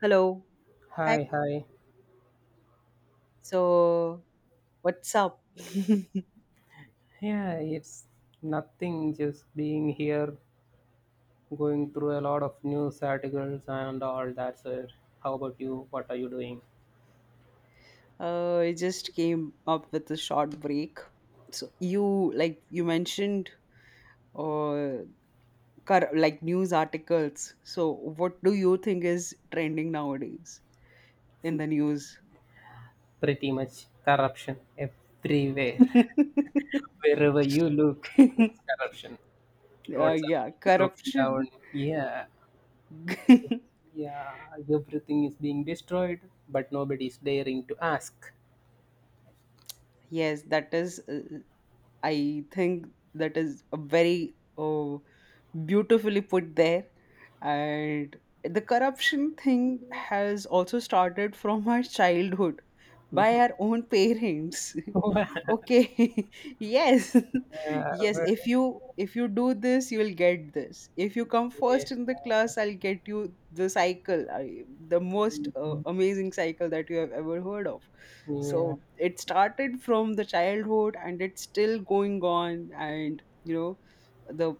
Hello. Hi. Hi, hi. So, what's up? Yeah, it's nothing, just being here, going through a lot of news articles and all that. Sir, how about you? What are you doing? I just came up with a short break. So, you like you mentioned uh like news articles. So, what do you think is trending nowadays in the news? Pretty much corruption everywhere. Wherever you look, it's corruption. Roads are Yeah, being broken corruption. down. Yeah, yeah, everything is being destroyed, but nobody is daring to ask. Yes, that is. I think that is a very, beautifully put there. And the corruption thing has also started from our childhood by our own parents. Okay. Yes. Yeah, Yes, if you do this, you will get this, if you come yeah, first in the class, I'll get you the cycle. The most amazing cycle that you have ever heard of. yeah. So it started from the childhood and it's still going on, and the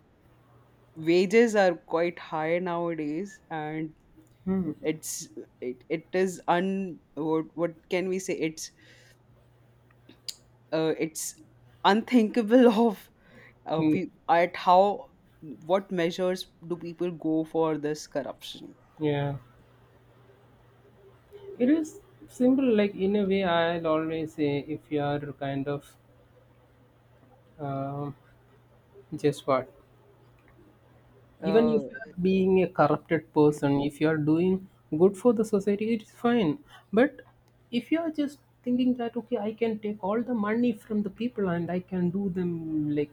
wages are quite high nowadays, and Hmm. it's it, it is un what can we say, it's unthinkable Hmm. At how, what measures do people go for this corruption? Yeah. It is simple, like in a way, I'll always say if you are kind of um, just what, even uh, if you are being a corrupted person, if you are doing good for the society, it is fine. But if you are just thinking that, okay, I can take all the money from the people and I can do them like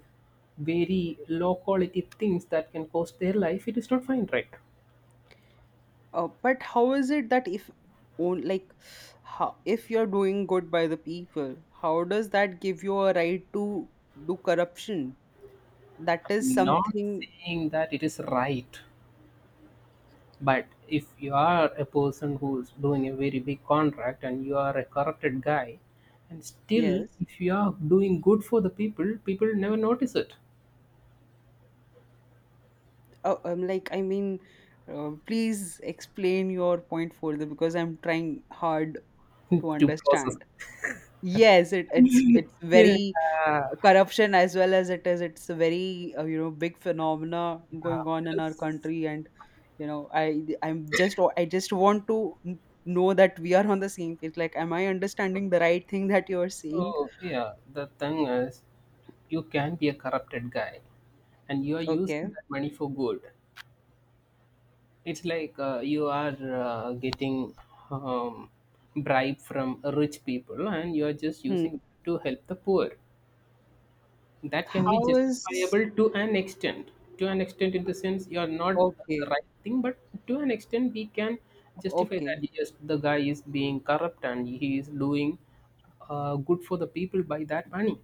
very low quality things that can cost their life, it is not fine, right? But how is it that if own like how if you're doing good by the people, how does that give you a right to do corruption? That is Not something. saying that it is right. But if you are a person who's doing a very big contract and you are a corrupted guy, and still Yes. if you are doing good for the people, people never notice it. Like, I mean, please explain your point further because I'm trying hard to To process. understand. Yes, it, it's Yeah, it's very — yeah, corruption as well, as it's a very, big phenomena going on it in our is. country. And I just want to know that we are on the same page, like, am I understanding the right thing that you are saying? So yeah, the thing is, you can be a corrupted guy, and you are using Okay. that money for good. It's like you are getting um, bribe from rich people and you are just Hmm. using it to help the poor. That can be how is justifiable to an extent. To an extent, in the sense you are not the Okay, right thing, but to an extent, we can justify okay, that yes, the guy is being corrupt and he is doing good for the people by that money.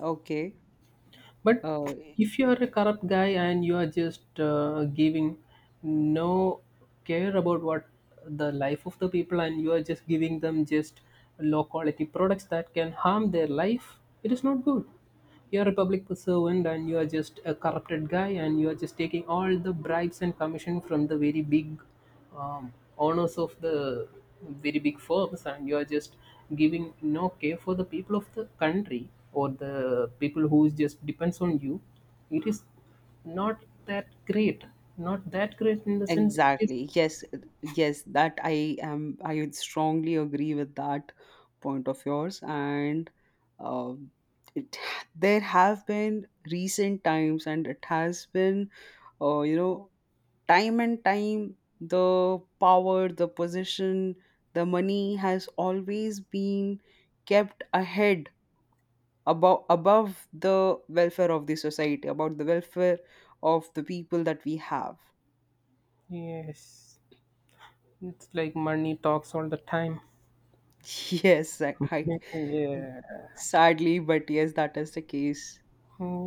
okay. But uh if you are a corrupt guy and you are just giving no care about what the life of the people and you are just giving them just low quality products that can harm their life, it is not good. You are a public servant and you are just a corrupted guy and you are just taking all the bribes and commission from the very big um, owners of the very big firms and you are just giving no care for the people of the country or the people who is just depends on you. It is not that great, not that great in the sense it is. Exactly. Yes, yes, that I would strongly agree with that point of yours, and uh, it there have been recent times, and it has been uh, you know time and time, the power, the position, the money has always been kept ahead, above the welfare of the society, about the welfare of the people that we have. Yes, it's like money talks all the time. Yes, I Yeah, Sadly, but yes, that is the case.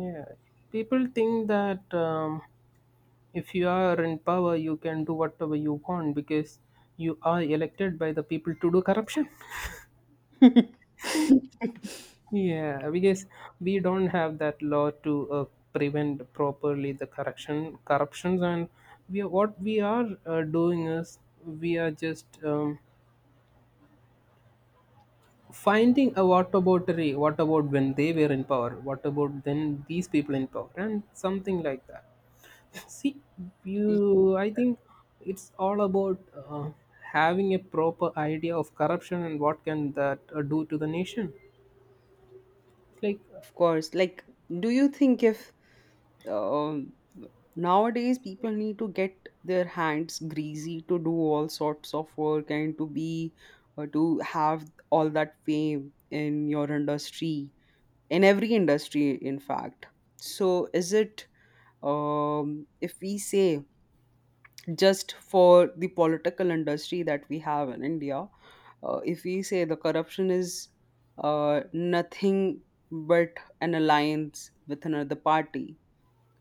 yeah, people think that if you are in power you can do whatever you want because you are elected by the people to do corruption. Yeah, because we don't have that law to prevent properly corruptions, and what we are doing is we are just finding a what about when they were in power, what about then these people in power, and something like that. See, Y- you, I think it's all about uh, having a proper idea of corruption and what can that do to the nation. It's like. Of course. Like, do you think if um, nowadays people need to get their hands greasy to do all sorts of work and to be, or to have all that fame in your industry, in every industry, in fact? So, is it if we say, just for the political industry that we have in India, if we say the corruption is nothing but an alliance with another party.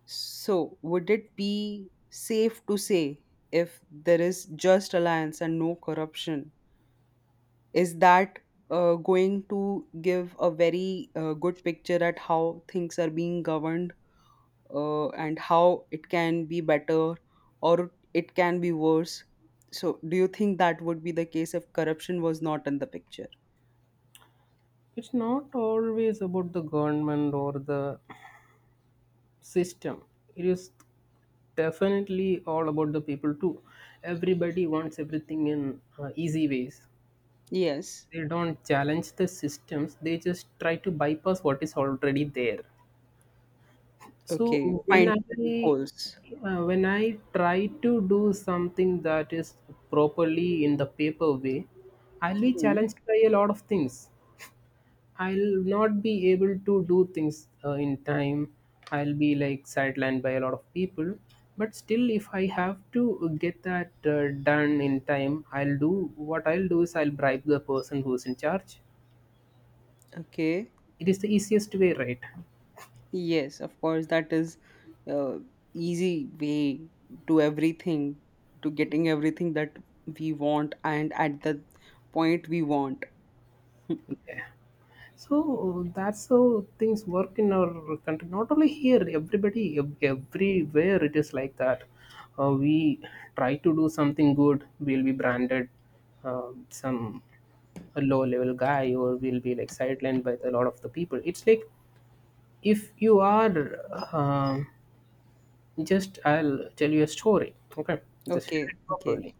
So, would it be safe to say, if there is just alliance and no corruption, is that going to give a very good picture at how things are being governed, and how it can be better or it can be worse? So, do you think that would be the case if corruption was not in the picture? It's not always about the government or the system. It is definitely all about the people too. Everybody wants everything in easy ways. Yes. They don't challenge the systems. They just try to bypass what is already there. So Okay, when find I holes. When I try to do something that is properly in the paper way, I'll be Hmm. challenged by a lot of things. I'll not be able to do things in time. I'll be like sidelined by a lot of people. But still, if I have to get that done in time, I'll do is I'll bribe the person who's in charge. Okay. It is the easiest way, right? Yes, of course, that is uh, easy way to everything, to getting everything that we want, and at the point we want. Hmm. Yeah. So that's how things work in our country. Not only here, everybody, everywhere it is like that. We try to do something good, we'll be branded some a low level guy, or we'll be like sidelined by a lot of the people. It's like if you are um just, I'll tell you a story. Okay, just hear Okay, it okay. properly.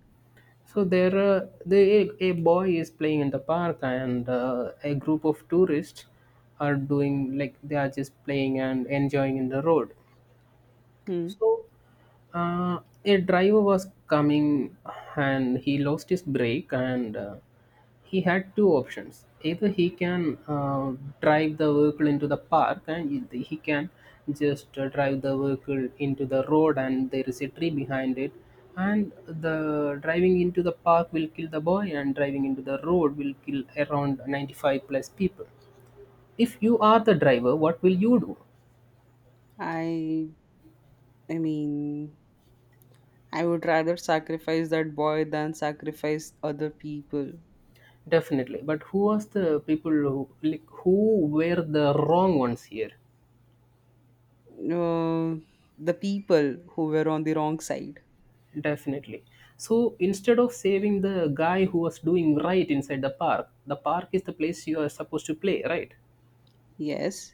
So there, the a boy is playing in the park, and a group of tourists are doing like they are just playing and enjoying in the road. Hmm. So uh, a driver was coming, and he lost his brake, and he had two options: either he can drive the vehicle into the park, and he can just drive the vehicle into the road, and there is a tree behind it. And the driving into the park will kill the boy, and driving into the road will kill around 95 plus people. If you are the driver, what will you do? I I mean, I would rather sacrifice that boy than sacrifice other people. Definitely. But who was the people who, like, who were the wrong ones here? Uh, the people who were on the wrong side. Definitely. So instead of saving the guy who was doing right inside the park is the place you are supposed to play, right? Yes.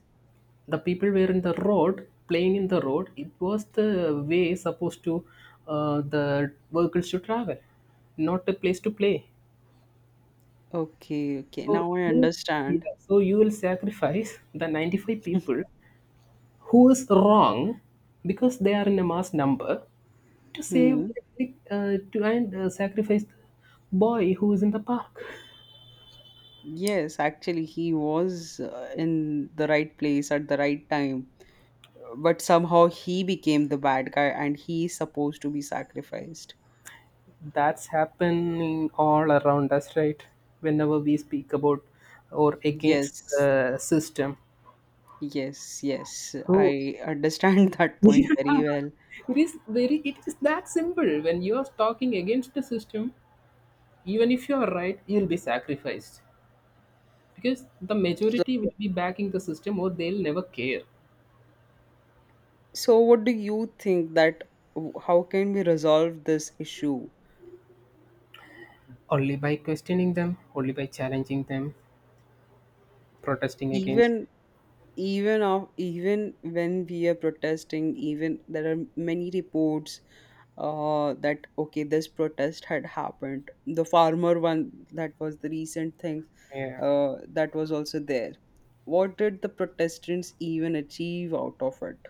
The people were in the road playing in the road. It was the way supposed to the vehicles to travel, not a place to play. Okay, okay. So Now I you, understand. yeah, so you will sacrifice the 95 people who is wrong because they are in a mass number to save Hmm. To and sacrifice the boy who is in the park. Yes, actually, he was in the right place at the right time. But somehow he became the bad guy and he is supposed to be sacrificed. That's happening all around us, right? Whenever we speak about or against Yes, the system, yes, yes, who? I understand that point It very well. is very, it is that simple. When you are talking against the system, even if you are right, you'll be sacrificed because the So, majority will be backing the system or they'll never care. so what do you think, how can we resolve this issue? Only by questioning them, only by challenging them, protesting against. Even Even when we are protesting, even there are many reports that, okay, this protest had happened, the farmer one, that was the recent thing Yeah. That was also there. What did the protestants even achieve out of it?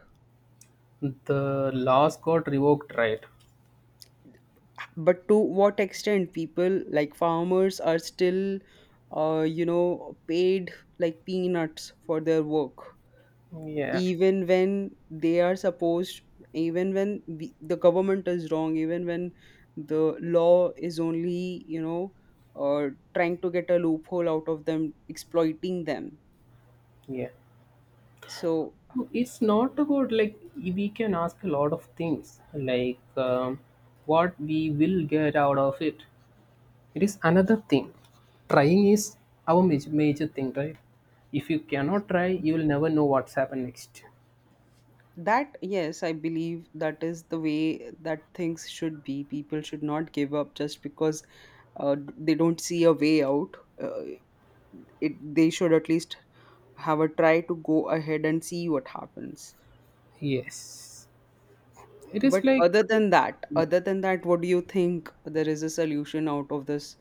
The laws got revoked, right? But to what extent people like farmers are still paid like peanuts for their work, Yeah, even when they are supposed, even when the government is wrong, even when the law is only, uh, trying to get a loophole out of them, exploiting them. yeah. So No, it's not about like we can ask a lot of things, like what we will get out of it. It is another thing. Trying is our major, major thing, right? If you cannot try, you will never know what's happened next. that, yes, I believe that is the way that things should be. People should not give up just because they don't see a way out. uh, they should at least have a try to go ahead and see what happens. Yes, it is But like other than that, what do you think, there is a solution out of this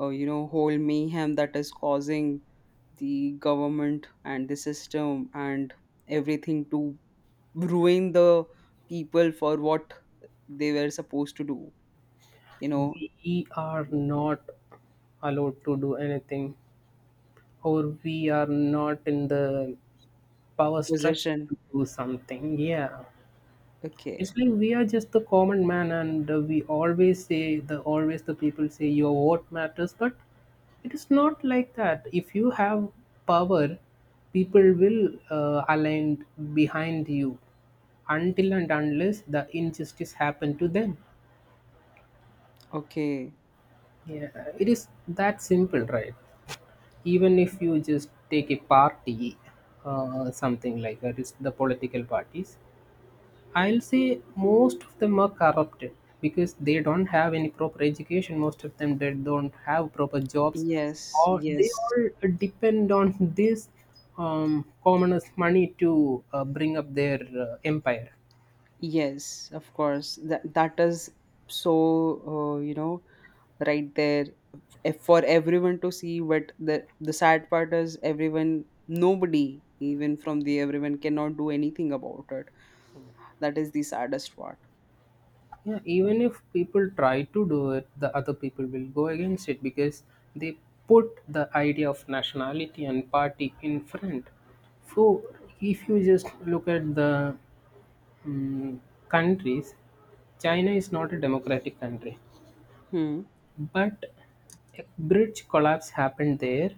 whole mayhem that is causing the government and the system and everything to ruin the people for what they were supposed to do, you know, we are not allowed to do anything or we are not in the power structure position. to do something. Yeah, Okay, it's like we are just the common man and we always say the always the people say your vote matters, but it is not like that. If you have power, people will align behind you until and unless the injustice happened to them. okay. Yeah, it is that simple, right? Even if you just take a party, something like that is the political parties, I'll say most of them are corrupted because they don't have any proper education, most of them they don't have proper jobs, Yes, or they yes, all depend on this commoners money to bring up their empire. yes, of course. That, that is, so, uh, you know, right there, if, for everyone to see, but the sad part is, everyone — nobody, even from the everyone, cannot do anything about it. That is the saddest part. Yeah, even if people try to do it, the other people will go against it because they put the idea of nationality and party in front. So, if you just look at the mm countries, China is not a democratic country, Hmm. but a bridge collapse happened there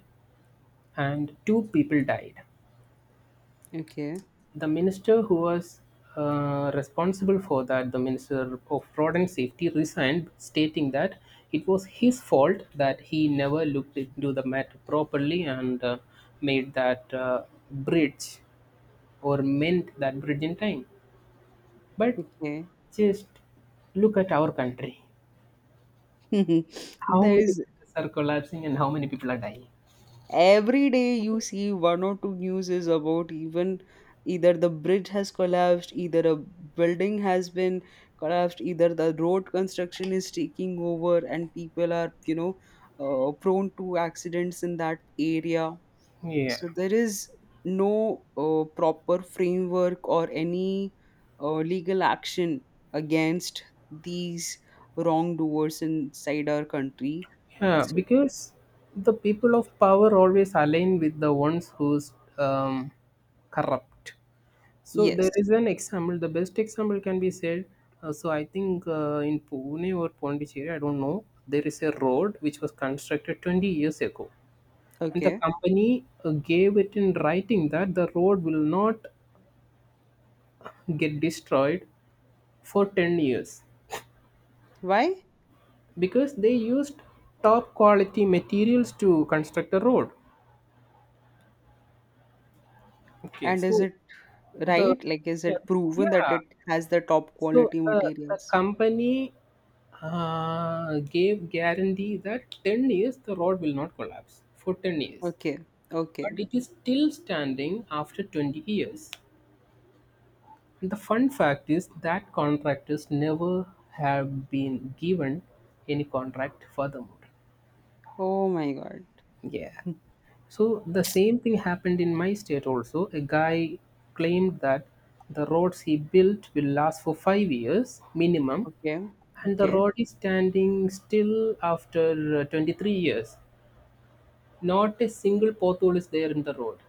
and two people died. Okay. The minister who was responsible for that, the minister of road and safety, resigned, stating that it was his fault that he never looked into the matter properly and made that bridge or mend that bridge in time. But Okay. just look at our country. How There many is — bridges are collapsing and how many people are dying? every day you see one or two news is about, even either the bridge has collapsed, either a building has been collapsed, either the road construction is taking over and people are, prone to accidents in that area. Yeah. So there is no proper framework or any legal action against these wrongdoers inside our country. Yeah, So, because the people of power always align with the ones who's corrupt. So yes. there is an example. The best example can be said. So I think in Pune or Pondicherry, I don't know. There is a road which was constructed 20 years ago, and the Okay. company gave it in writing that the road will not get destroyed for 10 years Why? because they used top quality materials to construct a road. Okay, And is so it the right? Like, is yeah, it proven that yeah. it has the top So, quality the materials? company gave guarantee that 10 years the road will not collapse for 10 years. Okay, okay. But it is still standing after 20 years. And the fun fact is that contractors never have been given any contract furthermore. Oh my God. Yeah. So the same thing happened in my state also. A guy claimed that the roads he built will last for 5 years minimum, Okay, and the okay, road is standing still after 23 years. Not a single pothole is there in the road.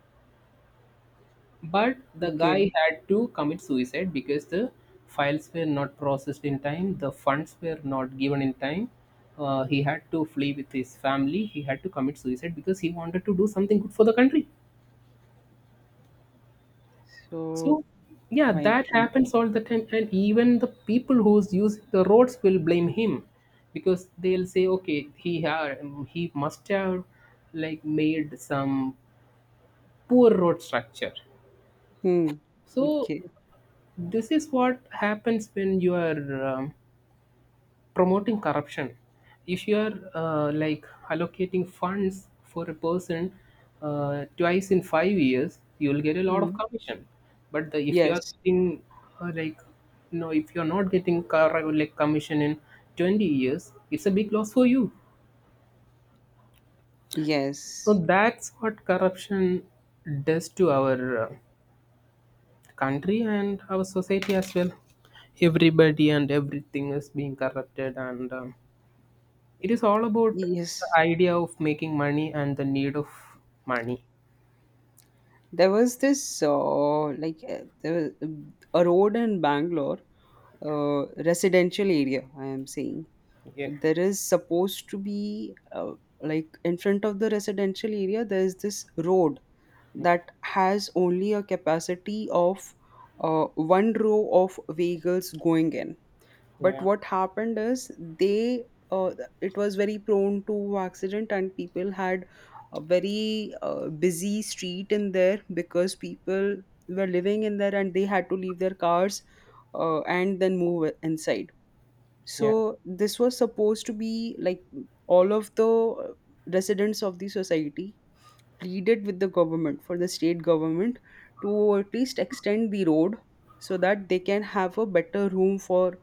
But the okay. guy had to commit suicide because the files were not processed in time, the funds were not given in time. He had to flee with his family. He had to commit suicide because he wanted to do something good for the country. So, So, oh yeah, my that God. happens all the time, and even the people who's using the roads will blame him because they'll say, okay, he must have like made some poor road structure. Hmm. So Okay. this is what happens when you are promoting corruption if you are like allocating funds for a person, twice in 5 years you'll get a lot of Hmm. commission, but if you are Yes, getting like no, if you're not getting car like commission in 20 years, it's a big loss for you. So yes, that's what corruption does to our country and our society as well. Everybody and everything is being corrupted, and it is all about the yes. idea of making money and the need of money. There was this like there was a road in Bangalore, residential area I am saying. Yeah, There is supposed to be, like, in front of the residential area, there is this road that has only a capacity of one row of vehicles going in. But yeah, what happened is, they uh, it was very prone to accident, and people had a very busy street in there, because people were living in there and they had to leave their cars and then move inside. yeah. So this was supposed to be like — all of the residents of the society pleaded with the government, for the state government to at least extend the road, so that they can have a better room for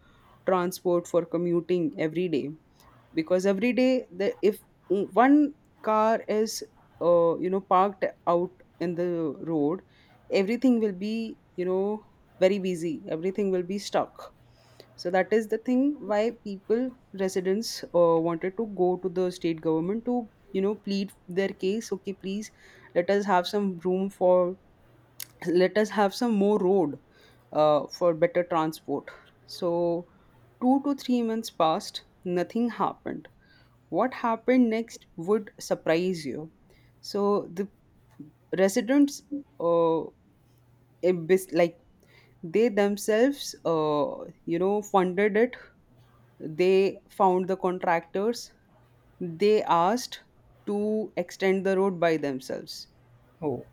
transport, for commuting every day. Because every day, the if one car is parked out in the road, everything will be, very busy, everything will be stuck. So that is the thing, why people — residents wanted to go to the state government to, plead their case: okay, please let us have some room for — let us have some more road for better transport. So, 2 to 3 months passed, nothing happened. What happened next would surprise you. So the residents, uh, like, they themselves, funded it. They found the contractors. They asked to extend the road by themselves. Oh,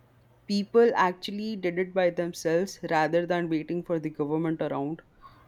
People actually did it by themselves rather than waiting for the government around.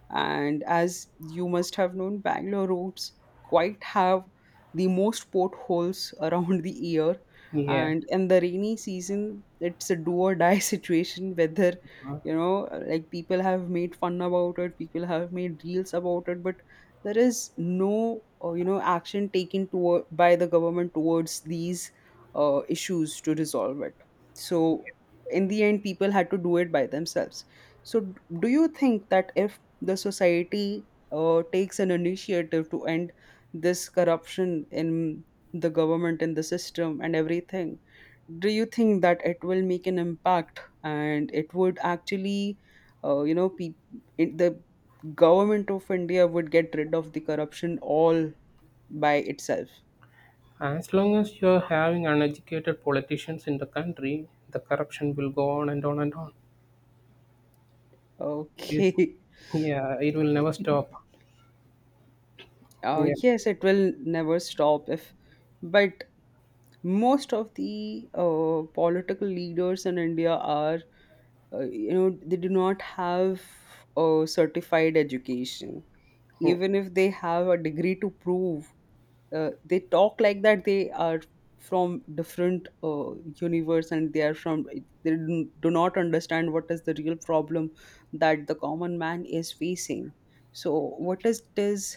And as you must have known, Bangalore roads quite have the most potholes around the year. yeah. And in the rainy season, it's a do or die situation, whether, Uh, like, people have made fun about it, people have made reels about it, but there is no, action taken toward — by the government towards these issues to resolve it. So in the end, people had to do it by themselves. So do you think that if the society takes an initiative to end this corruption in the government, in the system and everything, do you think that it will make an impact, and it would actually, uh, you know pe- the government of India would get rid of the corruption all by itself? as long as you're having uneducated politicians in the country, the corruption will go on and on and on. Yes. Okay. Yeah, it will never stop. Yeah. Yes, it will never stop if — but most of the political leaders in India are they do not have a certified education, Yeah. even if they have a degree to prove. They talk like that they are from different universe, and they are from — they do not understand what is the real problem that the common man is facing. So what is this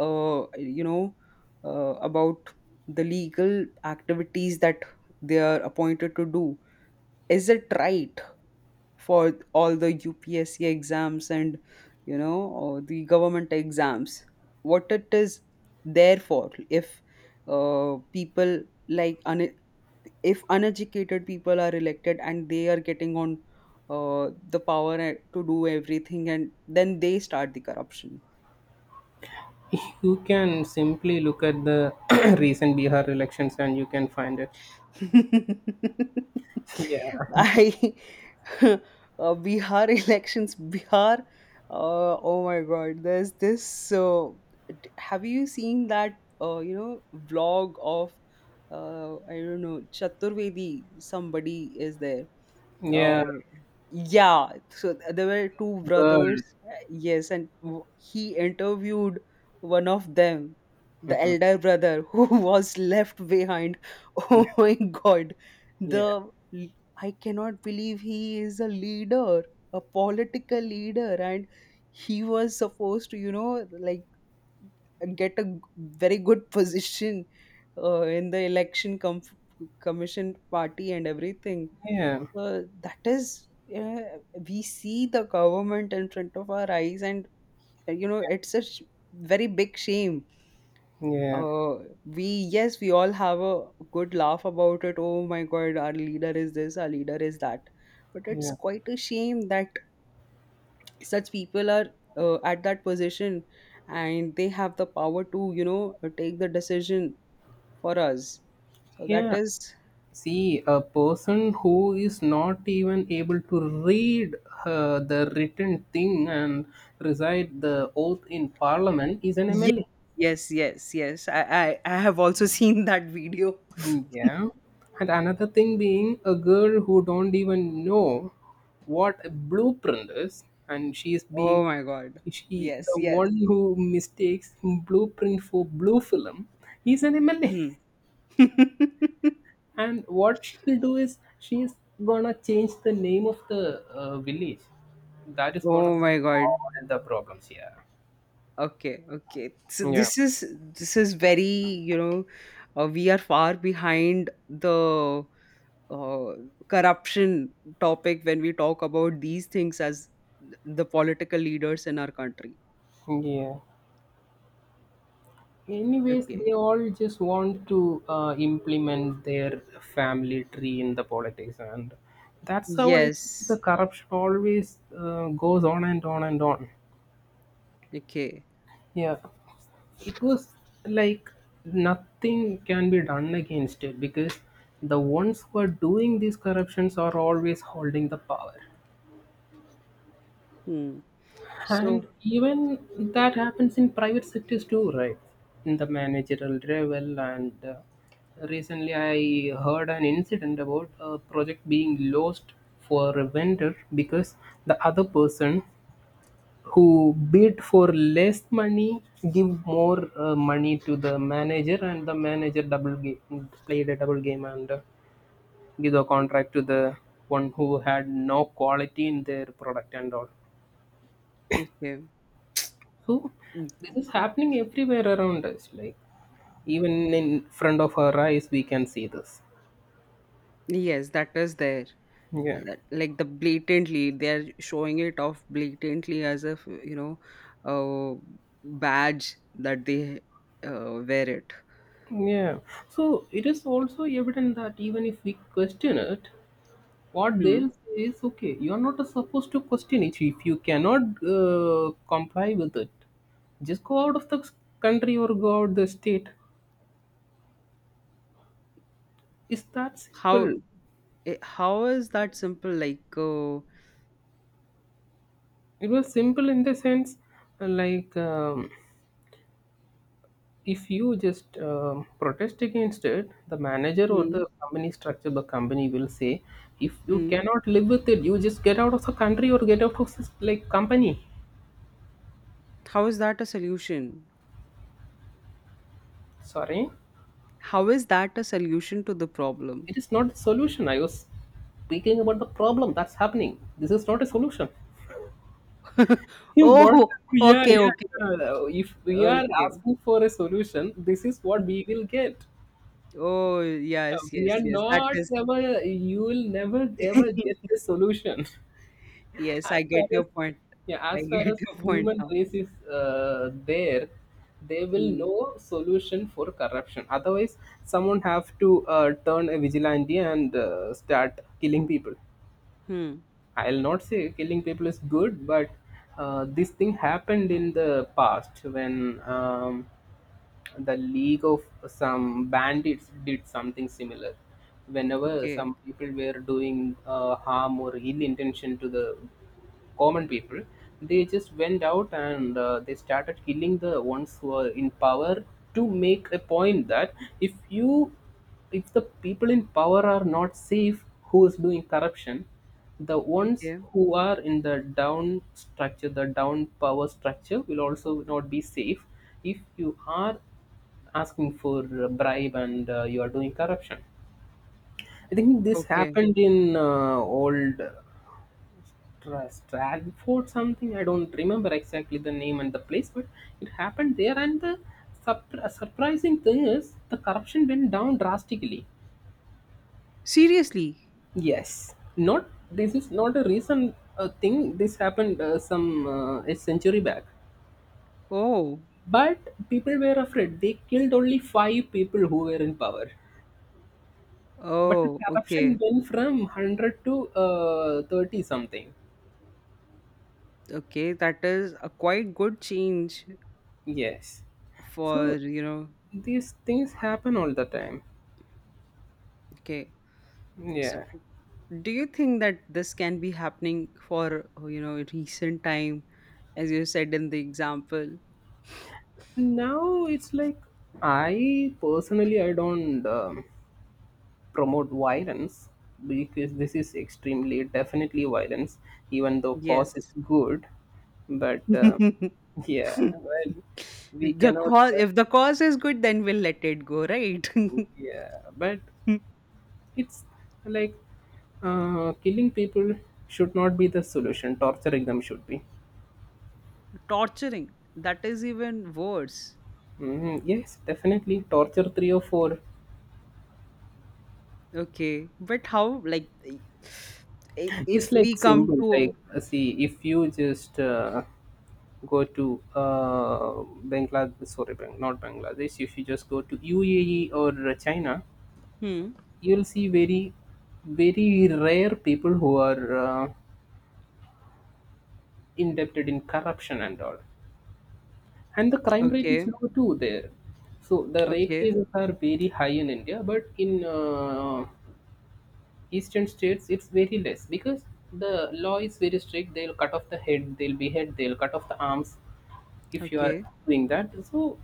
uh, you know about the legal activities that they are appointed to do? Is it right, for all the UPSC exams and, you know, or the government exams, what it is there for, if people like un- if uneducated people are elected and they are getting on the power to do everything, and then they start the corruption? You can simply look at the recent Bihar elections and you can find it. Yeah, I uh, Bihar elections, Bihar. Oh my God, there's this. So, have you seen that? You know, vlog of I don't know, Chaturvedi. Somebody is there. yeah, uh, yeah, so there were two girl. brothers, yes, and he interviewed one of them, the Mhm. elder brother, who was left behind. Yeah, Oh my God, yeah, the l- I cannot believe he is a leader, a political leader, and he was supposed to, you know, like, get a very good position in the election commission party and everything. yeah, So that is, uh, we see the government in front of our eyes, and it's a very big shame. yeah. Uh, we Yes, we all have a good laugh about it. Oh my God, our leader is this, our leader is that. But it's Yeah. quite a shame that such people are at that position, and they have the power to, take the decision for us, so that Yeah. is — See, a person who is not even able to read the written thing and recite the oath in parliament is an yes, MLA. yes, yes, yes, I have also seen that video. Mm, yeah. And another thing, being a girl who don't even know what a blueprint is, and she is Oh being, my God. she Yes, the yes. one who mistakes blueprint for blue film is an MLA. Hmm. And what she'll do is she's gonna change the name of the village. That is gonna Oh my God, solve all the problems here. okay, okay. So Yeah. this is — this is very, we are far behind the uh, corruption topic when we talk about these things, as the political leaders in our country. Yeah. Anyways, Okay. they all just want to implement their family tree in the politics, and that's how I think the Yes. corruption always goes on and on and on. Okay. Yeah. It was like nothing can be done against it because the ones who are doing these corruptions are always holding the power. Hmm. So, And even that happens in private sectors too, right? In the managerial level, and recently I heard an incident about a project being lost for a vendor because the other person who bid for less money, give more money to the manager, and the manager double game, played a double game, and give the contract to the one who had no quality in their product and all. okay. So Mm. this is happening everywhere around us. Like, even in front of our eyes, we can see this. Yes, that is there. Yeah. That, like, the blatantly, they're showing it off blatantly, as if, you know, a badge that they wear it. Yeah. So it is also evident that even if we question it, what Hmm. they'll say is, okay, you're not supposed to question it. If you cannot comply with it, just go out of the country or go out the state. It's that How, simple. how is that simple? Like, It was simple in the sense, uh, like um, if you just protest against it, the manager or hmm, the company structure, the company will say, if you hmm. cannot live with it, you just get out of the country or get out of this like company. How is that a solution? Sorry. How is that a solution to the problem? It is not the solution. I was speaking about the problem that's happening. This is not a solution. You want, Oh, yeah, okay, yeah, okay, yeah. If we are okay. asking for a solution, this is what we will get. Oh, Yeah, yes, we yes, are yes. That not is — ever. You will never ever get a solution. Yes, As I get far your as, point. yeah, I as far get as your point human now. race is there, they will Hmm. no solution for corruption. Otherwise, someone have to turn a vigilante and start killing people. Hmm. I'll not say killing people is good, but this thing happened in the past when the league of some bandits did something similar. Whenever Okay. some people were doing harm or ill intention to the common people, they just went out and they started killing the ones who are in power to make a point that, if you, if the people in power are not safe who is doing corruption, the ones Okay. who are in the down structure, the down power structure, will also not be safe if you are asking for a bribe and you are doing corruption. I think this Okay. happened in old Stratford something. I don't remember exactly the name and the place, but it happened there. And the surprising thing is the corruption went down drastically. Seriously? Yes, not this is not a recent thing. This happened some a century back. Oh. But people were afraid. They killed only five people who were in power. But the Oh, okay. corruption went from 100 to 30 something. Okay. That is a quite good change, Yes. for, So you know, these things happen all the time. okay. So, Yeah. do you think that this can be happening for, recent time, as you said in the example? Now it's like, I personally I don't. Promote violence, because this is extremely definitely violence, even though cause is Yes. good, but The yeah, well, we cannot cause, if the cause is good, then we'll let it go, right? yeah, but it's like, killing people should not be the solution, torturing them should be. Torturing. That is even worse. Mhm, yes, definitely torture three or four. Okay, but how? Like, if It's we like come simple, to — like, see, if you just go to Bangladesh, sorry, not Bangladesh. If you just go to UAE or China, hmm, you'll see very, very rare people who are indebted in corruption and all. And the crime rate is okay, low too there. So the rape okay, cases are very high in India, but in eastern states it's very less because the law is very strict. They'll cut off the head, they'll behead, they'll cut off the arms if you are okay. doing that. So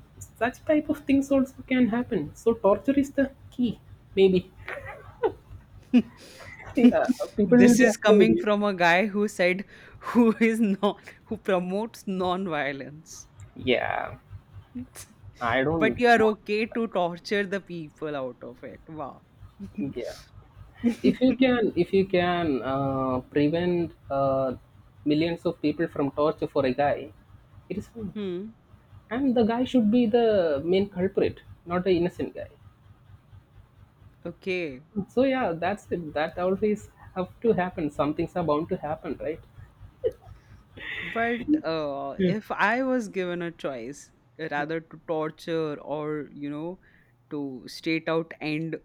such type of things also can happen, so torture is the key, maybe. Yeah, people will This be is coming afraid. from a guy who said, who is not, who promotes non-violence, Yeah I but don't you are want- okay to torture the people out of it? Wow. Yeah, if you can, if you can prevent millions of people from torture for a guy, it is fine. Hmm, And the guy should be the main culprit, not the innocent guy. okay. So yeah, that's the, that always have to happen. Some things are bound to happen, right? But if I was given a choice, rather to torture or, you know, to straight out end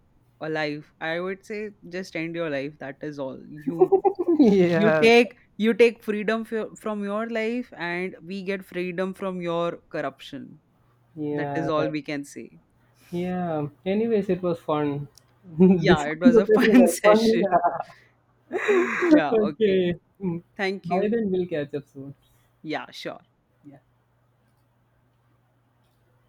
a life, I would say, just end your life, that is all. you you Yeah. take you take freedom from your life, and we get freedom from your corruption. That is Yeah, all right. we can say. Yeah. Anyways, it was fun. Yeah, This it was a conversation fun was session. fun. Yeah. Yeah, okay. Okay. Mm. Thank By you. then we'll catch up soon. Yeah, sure. Yeah.